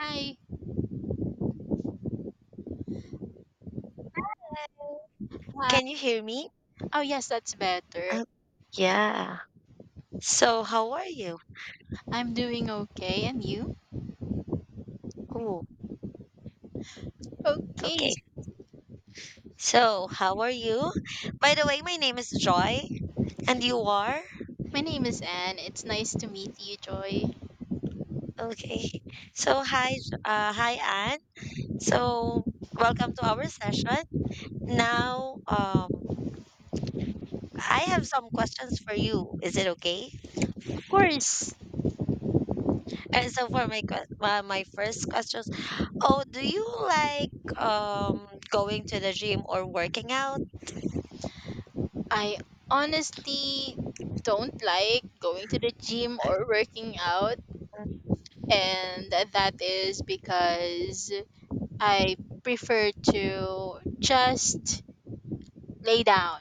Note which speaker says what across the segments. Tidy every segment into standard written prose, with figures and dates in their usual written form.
Speaker 1: Hi. Uh,
Speaker 2: Can you hear me?
Speaker 1: oh, yes, that's better.
Speaker 2: Oh, yeah. So, how are you?
Speaker 1: I'm doing okay. And you?
Speaker 2: Ooh,
Speaker 1: Okay.
Speaker 2: okay. So, how are you? By the way, my name is Joy, and you are?
Speaker 1: My name is Anne. It's nice to meet you, Joy.
Speaker 2: Okay. So, hi, hi, Anne. So, welcome to our session. Now, I have some questions for you. Is it okay?
Speaker 1: Of course,
Speaker 2: And so, for my my first questions, oh, do you like going to the gym or working out?
Speaker 1: I honestly don't like going to the gym or working out. And that is because I prefer to just lay down.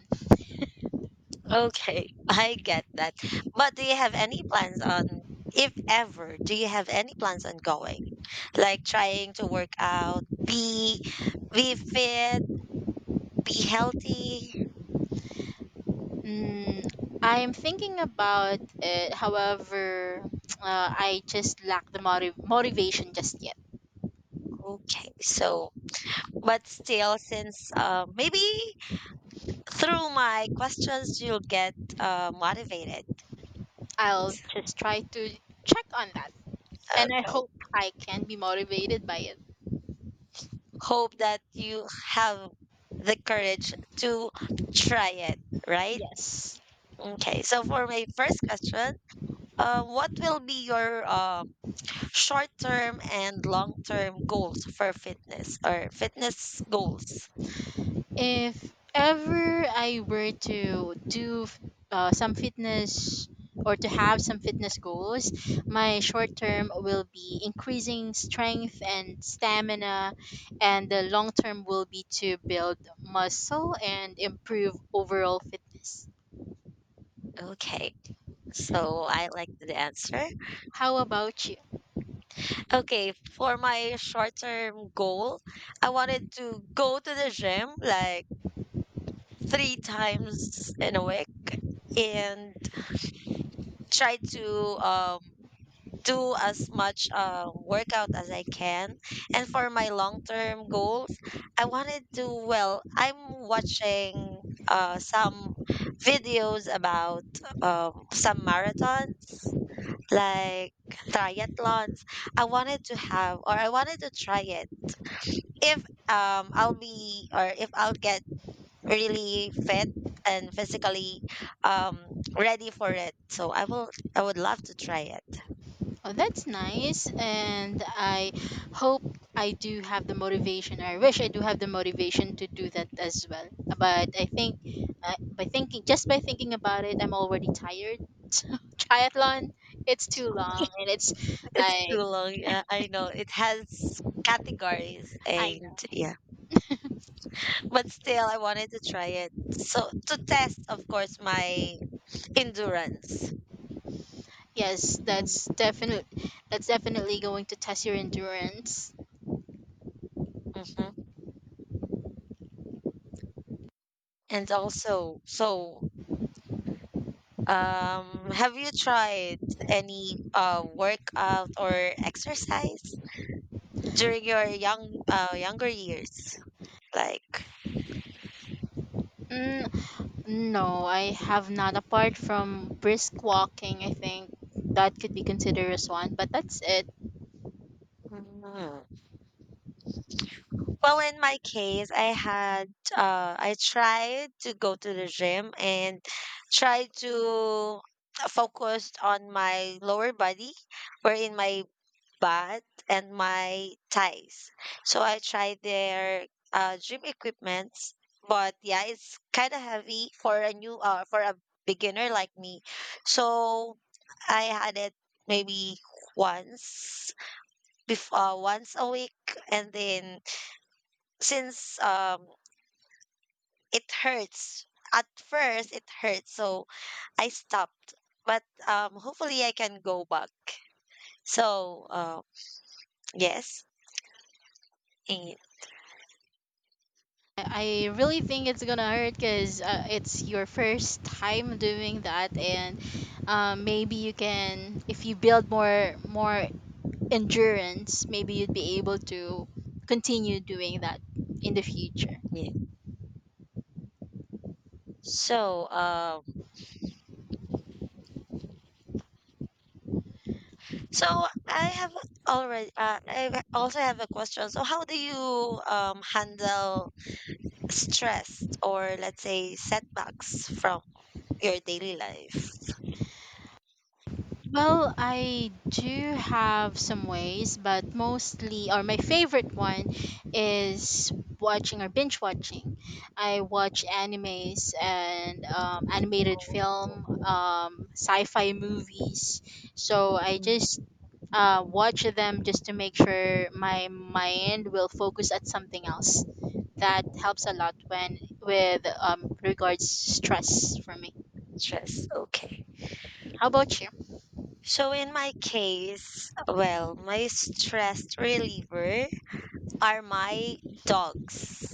Speaker 2: Okay, I get that. But do you have any plans on, if ever, do you have any plans on going? Like trying to work out, be fit, be healthy.
Speaker 1: Mm, I'm thinking about it. However, I just lack the motivation just yet.
Speaker 2: Okay, so but still, since maybe through my questions you'll get motivated.
Speaker 1: I'll just try to check on that. And I
Speaker 2: Okay,
Speaker 1: hope I can be motivated by it.
Speaker 2: hope that you have the courage to try it. Right?
Speaker 1: Yes.
Speaker 2: Okay, so for my first question. What will be your short term and long term goals for fitness or fitness goals?
Speaker 1: If ever I were to do some fitness or to have some fitness goals, my short term will be increasing strength and stamina, and the long term will be to build muscle and improve overall fitness.
Speaker 2: Okay. So I like the answer.
Speaker 1: How about you?
Speaker 2: Okay, for my short term goal, I wanted to go to the gym like three times in a week and try to um do as much workout as I can. And for my long term goals, I wanted to, well, I'm watching some videos about some marathons, like triathlons. I wanted to have, or I wanted to try it if I'll be, or if I'll get really fit and physically um, ready for it. So I will, I would love to try it.
Speaker 1: Oh, that's nice. And I hope I do have the motivation. I wish I do have the motivation to do that as well. But I think just by thinking about it, I'm already tired. So triathlon, it's too long. And it's
Speaker 2: It's too
Speaker 1: like,
Speaker 2: long. Yeah, I know. It has categories
Speaker 1: I
Speaker 2: and
Speaker 1: know.
Speaker 2: yeah. But still, I wanted to try it. So to test, of course, my endurance.
Speaker 1: Yes, that's definitely going to test your endurance.
Speaker 2: Mm-hmm. And also, so have you tried any workout or exercise during your younger years? Like,
Speaker 1: Mm, no, I have not. Apart from brisk walking, I think that could be considered as one. But that's it.
Speaker 2: well, in my case, I tried to go to the gym and tried to focus on my lower body, wherein my butt and my thighs. So I tried their gym equipments, but yeah, it's kind of heavy for a beginner like me. So I had it maybe once once a week, and then since it hurts, at first it hurts, so I stopped. But hopefully I can go back. So yes, and,
Speaker 1: I really think it's gonna hurt because it's your first time doing that, and maybe you can, if you build more endurance, maybe you'd be able to continue doing that in the future.
Speaker 2: yeah. so um so i have I also have a question. So how do you handle stress or let's say setbacks from your daily life?
Speaker 1: Well, I do have some ways, but mostly, or my favorite one is watching or binge watching. I watch animes and animated
Speaker 2: Oh,
Speaker 1: film, sci fi movies. So I just watch them just to make sure my mind will focus at something else. That helps a lot when with regards stress for me.
Speaker 2: stress, okay.
Speaker 1: How about
Speaker 2: So in my case, well, my stress reliever are my dogs.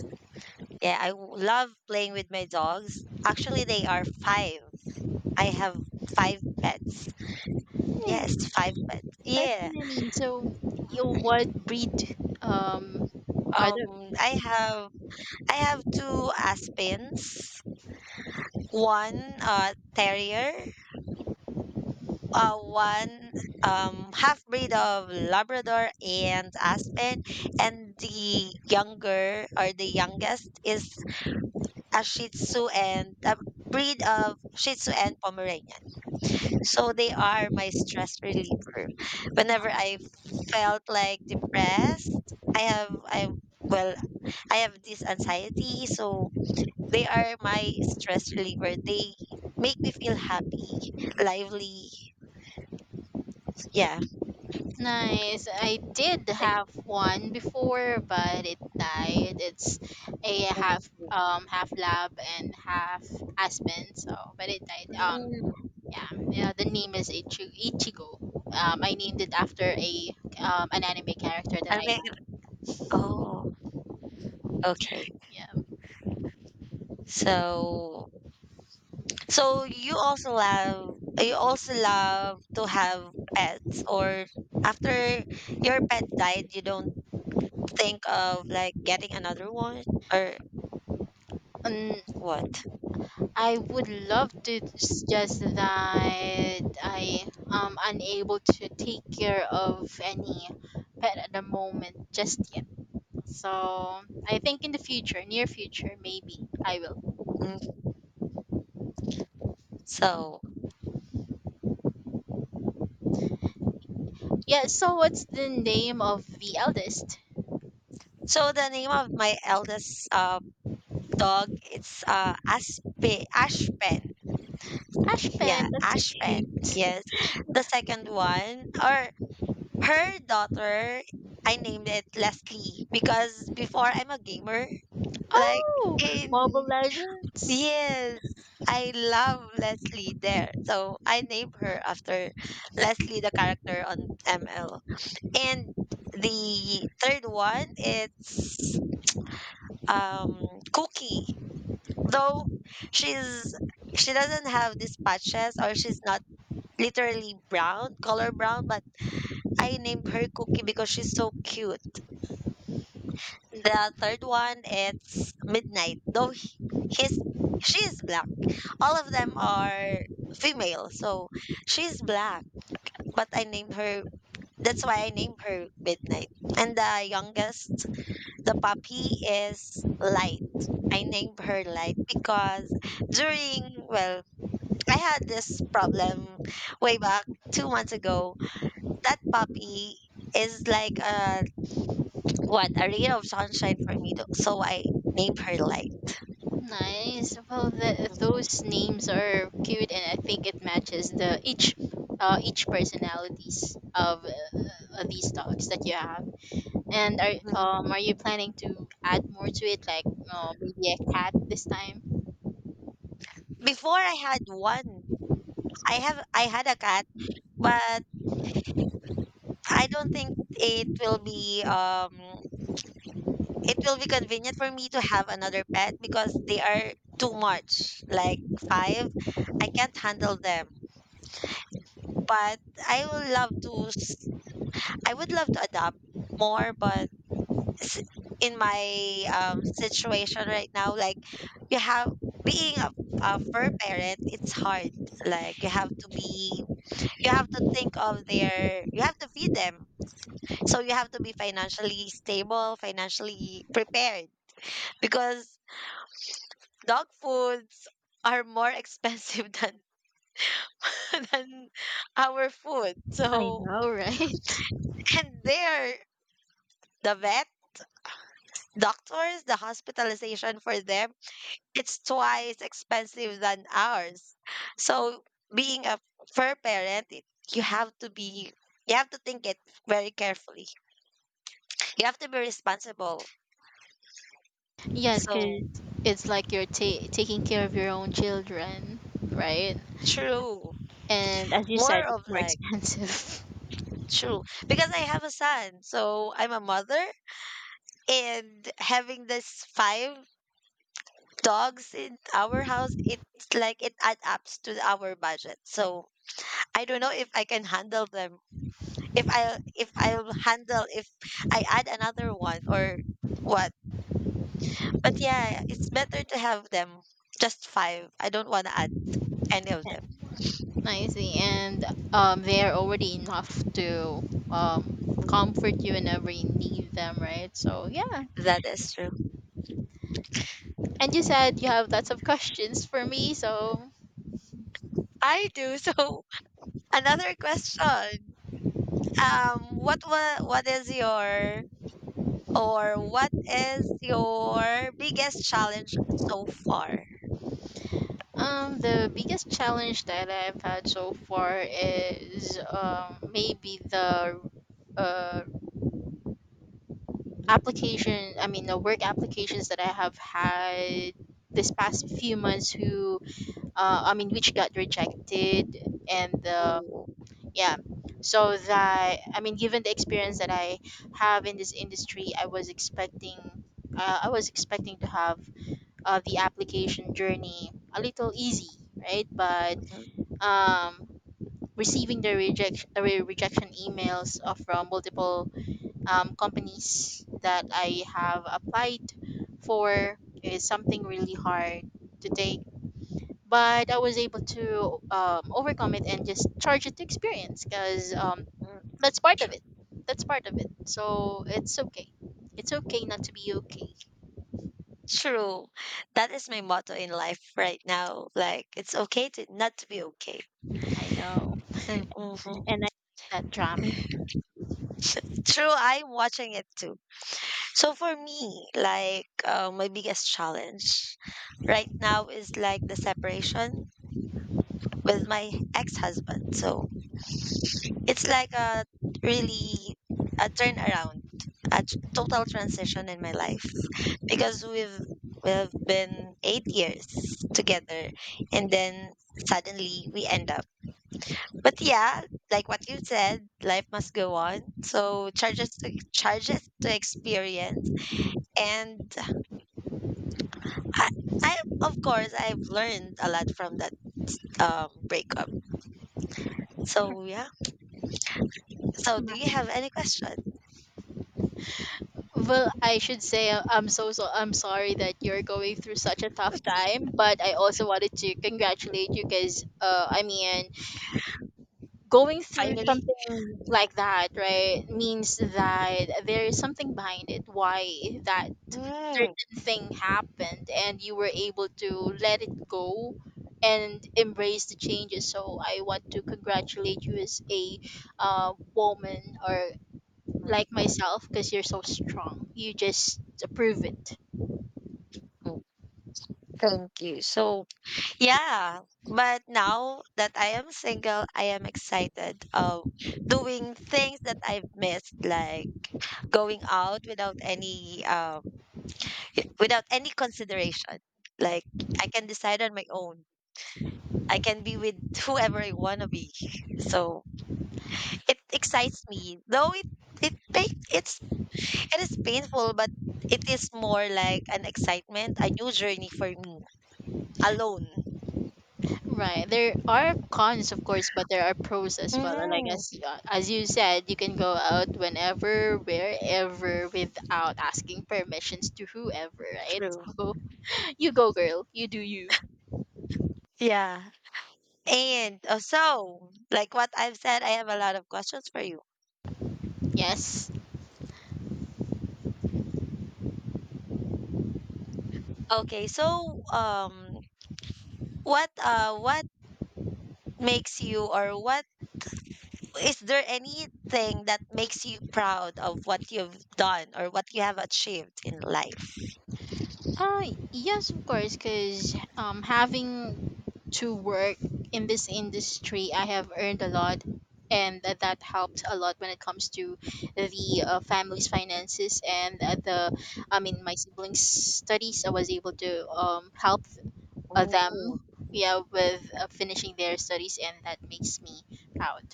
Speaker 2: Yeah, love playing with my dogs. Actually, they are five. I have five pets. Yes,
Speaker 1: you?
Speaker 2: five pets. Yeah.
Speaker 1: Definitely. So you what breed um are there?
Speaker 2: Um, I have I have two Aspens, one terrier, one half breed of Labrador and Aspen, and the younger or the youngest is a Shih Tzu and a breed of Shih Tzu and Pomeranian. So they are my stress reliever. Whenever I felt like depressed, I have I well, I have this anxiety, so they are my stress reliever. They make me feel happy, lively. Yeah.
Speaker 1: Nice. I did have one before, but it died. It's a
Speaker 2: like-
Speaker 1: half half lab and half aspen. So, but it died.
Speaker 2: Mm,
Speaker 1: Yeah, the name is Ichigo. I named it after a an anime character that
Speaker 2: I
Speaker 1: I
Speaker 2: mean,
Speaker 1: like.
Speaker 2: oh, okay.
Speaker 1: Yeah.
Speaker 2: So, so, you also love to have pets, or after your pet died, you don't think of like getting another one or
Speaker 1: Um,
Speaker 2: what?
Speaker 1: I would love to suggest that I am unable to take care of any pet at the moment just yet. So I think in the future, near future, maybe I will.
Speaker 2: Mm, so,
Speaker 1: Yeah, so what's the name of the eldest?
Speaker 2: so, the name of my eldest dog, it's Aspen, Ashpen. Yeah,
Speaker 1: Ashpen, that's
Speaker 2: Ashpen.
Speaker 1: cute.
Speaker 2: Yes. The second one, or her daughter, I named it Leslie because before I'm a gamer, like
Speaker 1: Oh,
Speaker 2: in
Speaker 1: Mobile Legends?
Speaker 2: yes, I love Leslie there. So I named her after Leslie, the character on ML. And the third one, it's um Cookie. Though she's she doesn't have these patches or she's not literally brown, color brown, but I named her Cookie because she's so cute. The third one, it's Midnight. Though he- he's she is black. All of them are female, so she's black. But I named her. That's why I named her Midnight. And the youngest, the puppy, is Light. I named her Light because during well, I had this problem way back 2 months ago. That puppy is like a ray of sunshine for me. Though, so I named her Light.
Speaker 1: Nice. Well, those names are cute, and I think it matches the each personalities of these dogs that you have. And
Speaker 2: Mhm.
Speaker 1: are you planning to add more to it, like maybe a cat this time?
Speaker 2: Before I had one. I had a cat, but I don't think it will be convenient for me to have another pet because they are too much. Like five, I can't handle them. But I will love to s- I would love to adopt more, but s- in my situation right now, like you have being a fur parent, it's hard. Like you have to think of their you have to feed them, so you have to be financially stable, financially prepared because dog foods are more expensive than our food.
Speaker 1: I
Speaker 2: So,
Speaker 1: know, right?
Speaker 2: and there the vet doctors the hospitalization for them, it's twice expensive than ours. So being a fur parent, it, you have to be you have to think it very carefully. You have to be responsible.
Speaker 1: Yes,
Speaker 2: So
Speaker 1: because it's like you're taking care of your own children, right?
Speaker 2: true.
Speaker 1: And as you
Speaker 2: More
Speaker 1: said,
Speaker 2: of
Speaker 1: it's more
Speaker 2: like
Speaker 1: expensive.
Speaker 2: true. Because I have a son, so I'm a mother, and having this five dogs in our house, it's like it adds up to our budget. So I don't know if I can handle them. If I'll handle if I add another one or what. But yeah, it's better to have them. Just five. I don't want to add any of them.
Speaker 1: I see. And they're already enough to comfort you whenever you need them, right? So yeah.
Speaker 2: That is true.
Speaker 1: And you said you have lots of questions for me. So
Speaker 2: I do. So another question. What is your or biggest challenge so far?
Speaker 1: the biggest challenge that I've had so far is maybe the uh, application. I mean, the work applications that I have had this past few months who I mean which got rejected and the
Speaker 2: Ooh.
Speaker 1: yeah, so that, I mean, given the experience that I have in this industry, I was expecting I was expecting to have the application journey a little easy, right, but
Speaker 2: Mhm,
Speaker 1: um receiving the rejection emails from multiple companies that I have applied for is something really hard to take, but I was able to overcome it and just charge it to experience because
Speaker 2: mm,
Speaker 1: that's part of
Speaker 2: true.
Speaker 1: it. That's part of it. So it's okay. It's okay not to be okay.
Speaker 2: True. That is my motto in life right now. Like it's okay to not to be okay.
Speaker 1: I know.
Speaker 2: Mm-hmm.
Speaker 1: And I like that drama.
Speaker 2: True, I'm watching it too. So for me, like my biggest challenge right now is like the separation with my ex-husband. So it's like a really a turnaround, a total transition in my life because we've been 8 years together, and then suddenly we end up. But yeah, like what you said, life must go on. So charges to experience, and I, I of course I've learned a lot from that breakup. So yeah. So do you have any question?
Speaker 1: Well, I should say I'm so I'm sorry that you're going through such a tough time, but I also wanted to congratulate you because I mean going through
Speaker 2: Finally.
Speaker 1: something like that, right, means that there is something behind it why that
Speaker 2: Mm.
Speaker 1: certain thing happened, and you were able to let it go and embrace the changes. So I want to congratulate you as a woman or like myself, because you're so strong, you just prove it
Speaker 2: Thank you. So, yeah, but now that I am single, I am excited of doing things that I've missed, like going out without any consideration. Like I can decide on my own. I can be with whoever I want to be. So, it excites me. Though it pa- it's it is painful, but it is more like an excitement, a new journey for me alone.
Speaker 1: right. There are cons, of course, but there are pros as well, like,
Speaker 2: Hmm.
Speaker 1: as you said, you can go out whenever, wherever, without asking permissions to whoever, right?
Speaker 2: True.
Speaker 1: So you go girl, you do you.
Speaker 2: Yeah. And so, like what I've said, I have a lot of questions for you.
Speaker 1: Yes.
Speaker 2: Okay, so what makes you, or what is there anything that makes you proud of what you've done or what you have achieved in life?
Speaker 1: Uh, yes, of course, because having to work in this industry, I have earned a lot, and that helped a lot when it comes to the family's finances and I mean, my siblings' studies. I was able to help
Speaker 2: Oh,
Speaker 1: them, yeah, with finishing their studies, and that makes me proud.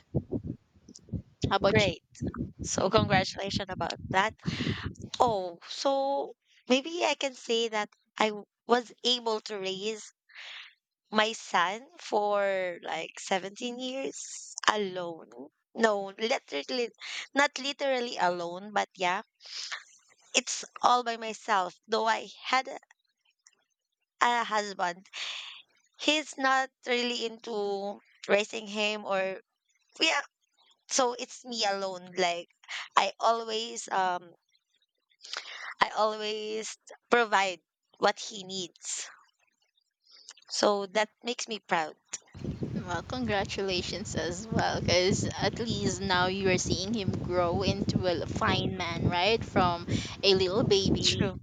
Speaker 1: How about you?
Speaker 2: great. So congratulations about that. Oh, so maybe I can say that was able to raise my son for like 17 years alone. No, literally, not literally alone, but yeah, it's all by myself. Though I had a husband, he's not really into raising him, or yeah, so it's me alone. Like I always um I always provide what he needs. So that makes me proud.
Speaker 1: Well, congratulations as well, because at least now you are seeing him grow into a
Speaker 2: Mm,
Speaker 1: fine man, right? From a little baby,
Speaker 2: true.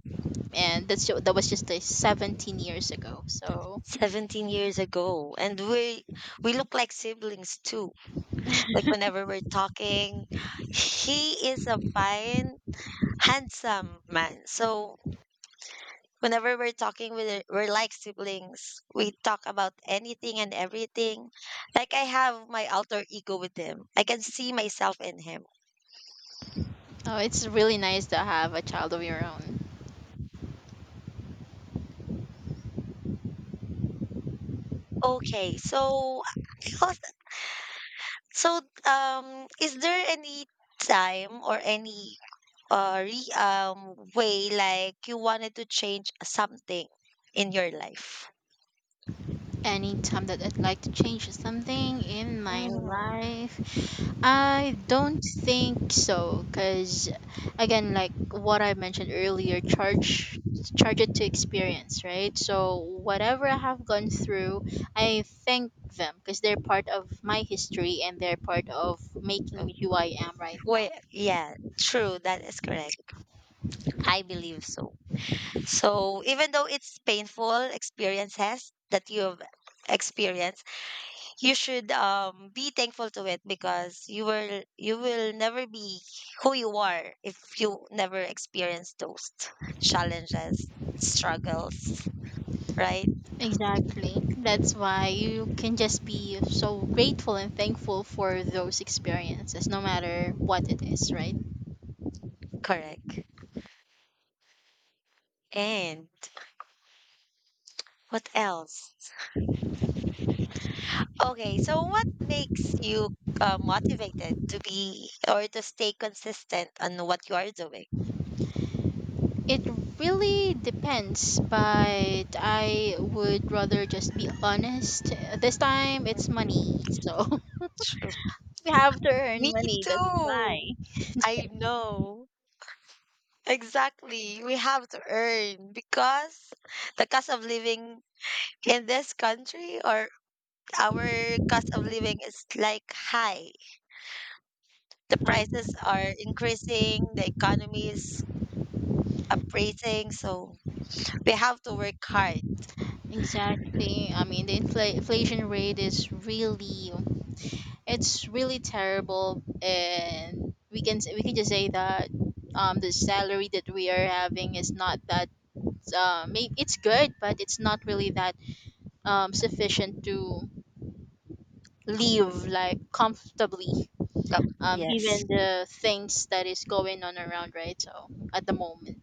Speaker 1: and that's that was just 17 years ago. So,
Speaker 2: 17 years ago, and we look like siblings too. Like whenever we're talking, he is a fine, handsome man. So whenever we're talking with we're like siblings. We talk about anything and everything. Like I have my alter ego with him. I can see myself in him.
Speaker 1: oh, it's really nice to have a child of your own.
Speaker 2: Okay, So, is there any time or any re way like you wanted to change something in your life?
Speaker 1: Anytime that I'd like to change something in my
Speaker 2: Mm-hmm.
Speaker 1: life, I don't think so. Cause again, like what I mentioned earlier, charge it to experience, right? So whatever I have gone through, I thank them because they're part of my history and they're part of making me who I am right
Speaker 2: Well,
Speaker 1: now.
Speaker 2: yeah, true. That is correct. I believe so. So, even though it's painful experiences that you have experienced, you should be thankful to it because you will never be who you are if you never experience those challenges, struggles, right?
Speaker 1: Exactly. That's why you can just be so grateful and thankful for those experiences, no matter what it is, right?
Speaker 2: Correct. And what else? Okay, so what makes you motivated to be or to stay consistent on what you are doing?
Speaker 1: It really depends, but I would rather just be honest. This time it's money, so
Speaker 2: True.
Speaker 1: we have to
Speaker 2: Me
Speaker 1: earn money. That's why.
Speaker 2: too. I know. Exactly, we have to earn because the cost of living in this country, or our cost of living is like high. The
Speaker 1: I,
Speaker 2: prices are increasing, the economy is appraising, so we have to work hard.
Speaker 1: exactly. I mean, the inflation rate is really, it's really terrible, and we can we can just say that the salary that we are having is not that it's good, but it's not really that sufficient to live like comfortably
Speaker 2: Yup. Yes.
Speaker 1: given the things that is going on around, right? So at the moment,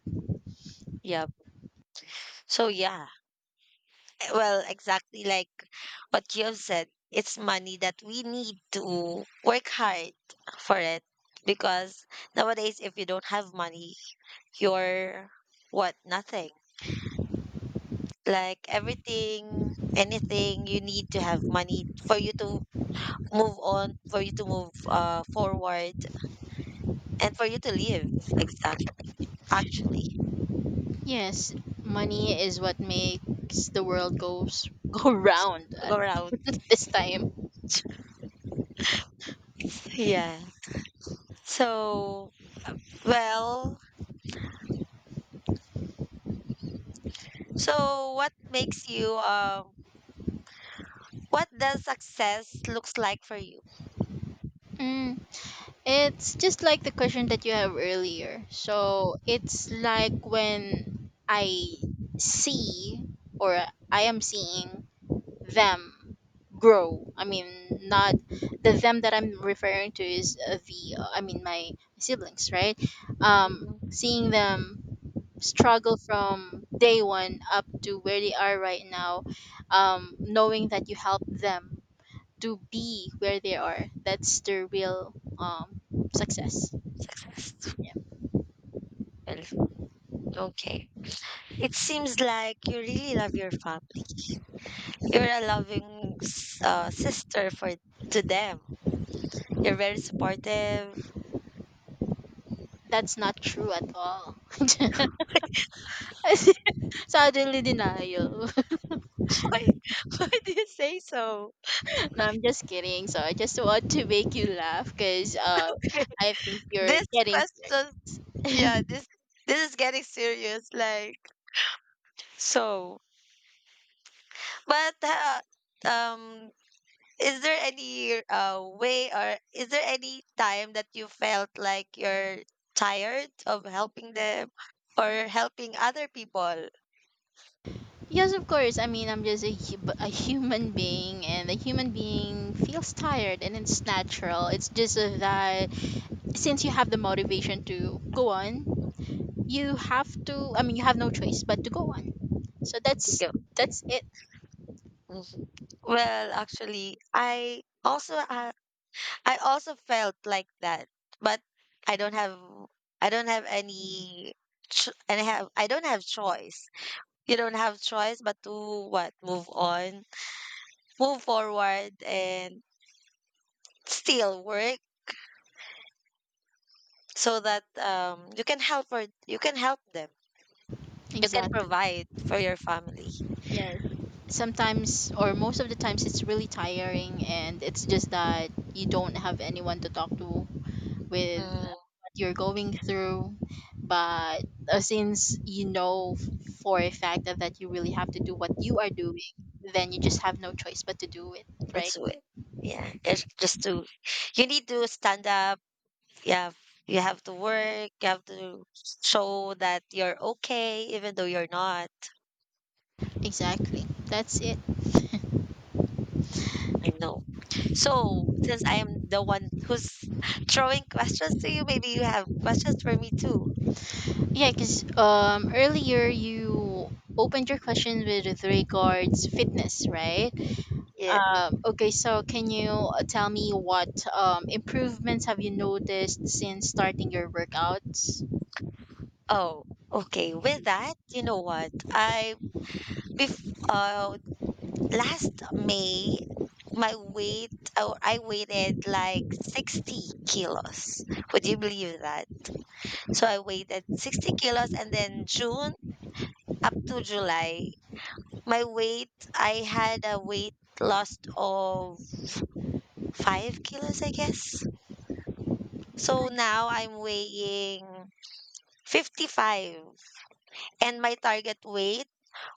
Speaker 2: Yep. So yeah. Eh, well, exactly like what you have said, it's money that we need to work hard for it because nowadays if you don't have money, you're what? Nothing. Like everything, anything, you need to have money for you to move on, for you to move forward, and for you to live. Exactly, actually,
Speaker 1: yes, money is what makes the world goes go round
Speaker 2: go
Speaker 1: at
Speaker 2: around.
Speaker 1: this time.
Speaker 2: Yeah. So, well, so, what makes you what does success looks like for you?
Speaker 1: Mm, it's just like the question that you have earlier, so it's like when I see or I am seeing them grow, I mean, not the them that I'm referring to is the I mean my siblings, right?
Speaker 2: Mhm.
Speaker 1: Seeing them struggle from day one up to where they are right now, knowing that you help them to be where they are, that's the real success.
Speaker 2: Successful.
Speaker 1: Yeah,
Speaker 2: Okay. It seems like you really love your family. You're a loving sister for to them. You're very supportive.
Speaker 1: that's not true at all. Suddenly denial.
Speaker 2: why, why do you say so?
Speaker 1: No, I'm just kidding. So I just want to make you laugh because I think you're
Speaker 2: This
Speaker 1: getting.
Speaker 2: question. Yeah, this this is getting serious. Like so, but um, is there any way, or is there any time that you felt like you're tired of helping them or helping other people?
Speaker 1: Yes, of course. I mean, I'm just a, a human being, and a human being feels tired, and it's natural. It's just that since you have the motivation to go on, you have to. I mean, you have no choice but to go on. So that's
Speaker 2: Sige.
Speaker 1: that's it.
Speaker 2: Mhm. Well, actually, I also felt like that, but I don't have I don't have any ch- and I have I don't have choice. You don't have choice but to what? Move on, move forward, and still work so that you can help for you can help them. You can
Speaker 1: Exactly.
Speaker 2: provide for your family.
Speaker 1: Yes. Sometimes or most of the times it's really tiring, and it's just that you don't have anyone to talk to with
Speaker 2: Mm,
Speaker 1: what you're going through. But since you know for a fact that you really have to do what you are doing, then you just have no choice but to do it, right?
Speaker 2: that's it. Yeah, it's just to you need to stand up. Yeah, you have to work you have to show that you're okay even though you're not.
Speaker 1: Exactly. That's it.
Speaker 2: I know. So, since I'm the one who's throwing questions to you, maybe you have questions for me too.
Speaker 1: Yeah, because earlier you opened your question with regards fitness, right?
Speaker 2: Yeah.
Speaker 1: Okay, so can you tell me what improvements have you noticed since starting your workouts?
Speaker 2: Oh, okay. With that, you know what? I bef uh Last May, my weight oh, I weighted like 60 kilos. Would you believe that? So I weighted 60 kilos, and then June up to July, my weight I had a weight loss of 5 kilos, I guess. So now I'm weighing 55, and my target weight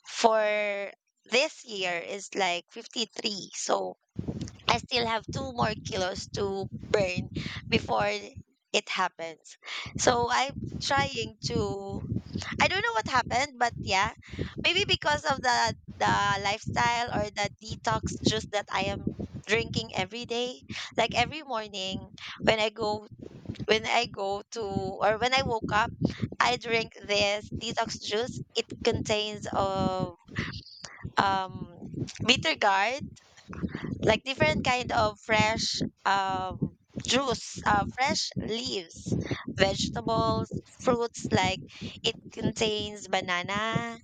Speaker 2: for this year is like 53. So I still have two more kilos to burn before it happens. So I'm trying to I don't know what happened, but yeah, maybe because of the lifestyle or the detox juice that I am drinking every day, like every morning when I go when I go to or when I woke up, I drink this detox juice. It contains of um bitter gourd, like different kind of fresh juice, fresh leaves, vegetables, fruits. Like it contains banana,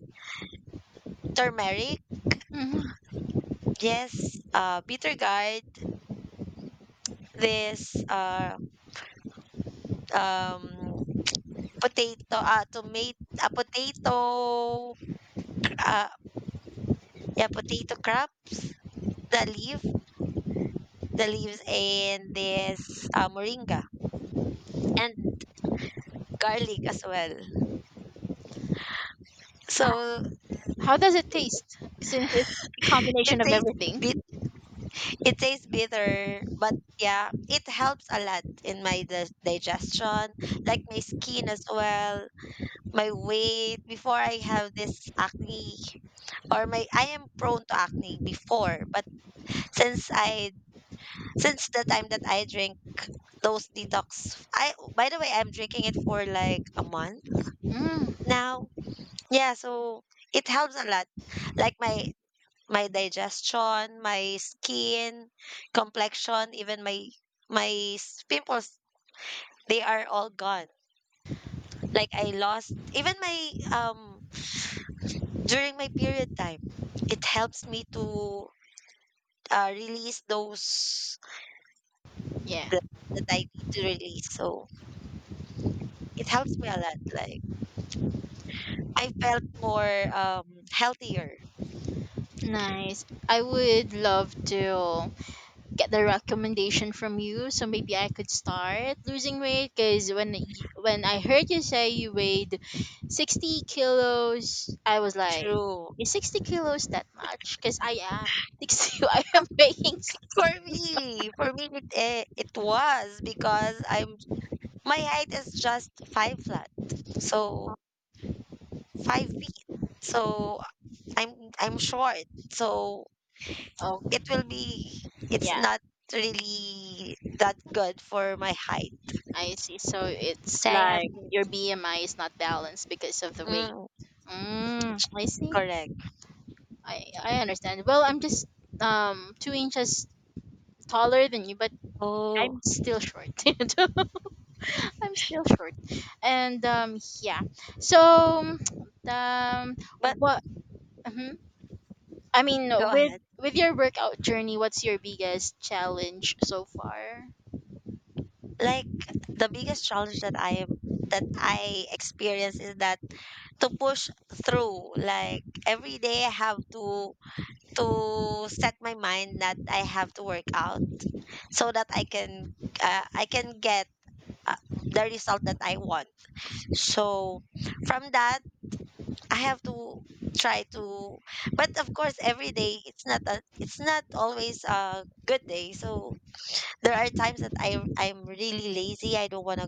Speaker 2: turmeric.
Speaker 1: Mm-hmm.
Speaker 2: Yes, bitter gourd. This um potato, tomato, a potato, uh, yeah, potato crumbs, the leaf, the leaves, and this moringa and garlic as well. So
Speaker 1: How does it taste? Since it's a
Speaker 2: it
Speaker 1: combination of
Speaker 2: bit,
Speaker 1: everything.
Speaker 2: it tastes bitter, but yeah, it helps a lot in my digestion, like my skin as well, my weight. Before I have this acne, or my I am prone to acne before, but since I since the time that I drink those detox, I by the way I'm drinking it for like a month
Speaker 1: Mm,
Speaker 2: now. Yeah, so it helps a lot. Like my digestion, my skin, complexion, even my pimples, they are all gone. Like I lost even my during my period time, it helps me to release those
Speaker 1: yeah,
Speaker 2: blood that I need to release. So it helps me a lot. Like I felt more healthier
Speaker 1: nice. I would love to get the recommendation from you, so maybe I could start losing weight. Because when I heard you say you weighed 60 kilos, I was like,
Speaker 2: through.
Speaker 1: is 60 kilos that much? Because I am 60. I am weighing 60.
Speaker 2: For me, it was because I'm my height is just five flat, so 5 feet. So I'm I'm short, so it
Speaker 1: Okay.
Speaker 2: will be it's
Speaker 1: Yeah,
Speaker 2: not really that good for my height.
Speaker 1: I see. So it's
Speaker 2: So I have
Speaker 1: like
Speaker 2: to
Speaker 1: your BMI is not balanced because of the weight.
Speaker 2: mm,
Speaker 1: Mm, I see.
Speaker 2: correct.
Speaker 1: I understand. Well, I'm just 2 inches taller than you, but
Speaker 2: Oh,
Speaker 1: I'm still short. I'm still short, and yeah. So um
Speaker 2: but
Speaker 1: what? Mhm. I mean
Speaker 2: go
Speaker 1: with
Speaker 2: ahead.
Speaker 1: with your workout journey, what's your biggest challenge so far?
Speaker 2: Like the biggest challenge that I am that I experience is that to push through. Like every day I have to set my mind that I have to work out so that I can get uh, the result that I want. So from that, I have to try to, but of course every day it's not a, it's not always a good day, so there are times that I'm really lazy, I don't want to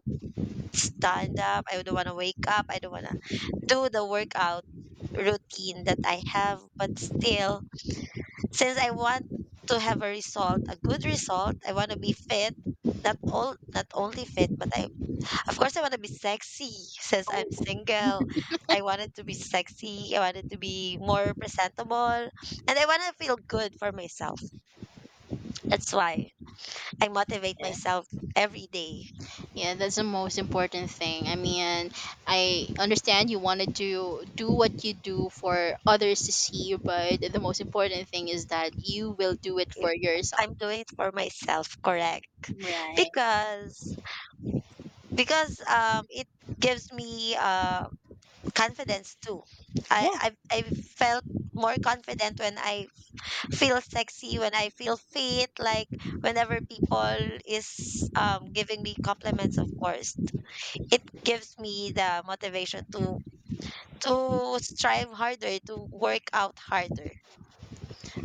Speaker 2: stand up, I don't want to wake up, I don't want to do the workout routine that I have, but still since I want to have a result, a good result, I want to be fit, not only fit, but I of course I want to be sexy since I'm
Speaker 1: Oh
Speaker 2: single. I wanted to be sexy, I wanted to be more presentable, and I want to feel good for myself. That's why I motivate
Speaker 1: yeah,
Speaker 2: myself every day.
Speaker 1: yeah. That's the most important thing. I mean, I understand you wanted to do what you do for others to see, but the most important thing is that you will do it
Speaker 2: If
Speaker 1: for yourself.
Speaker 2: I'm doing it for myself, correct?
Speaker 1: Right.
Speaker 2: Because it gives me confidence too.
Speaker 1: Yeah.
Speaker 2: I felt more confident when I feel sexy, when I feel fit, like whenever people is giving me compliments, of course. It gives me the motivation to strive harder, to work out harder.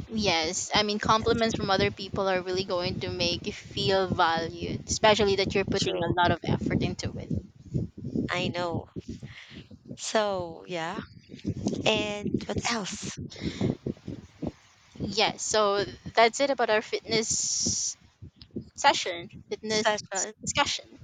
Speaker 1: Yes. I mean, compliments from other people are really going to make you feel valued, especially that you're putting a
Speaker 2: True.
Speaker 1: lot of effort into it.
Speaker 2: I know. So yeah. And what else?
Speaker 1: Yes. So that's it about our fitness session, fitness
Speaker 2: Session.
Speaker 1: discussion.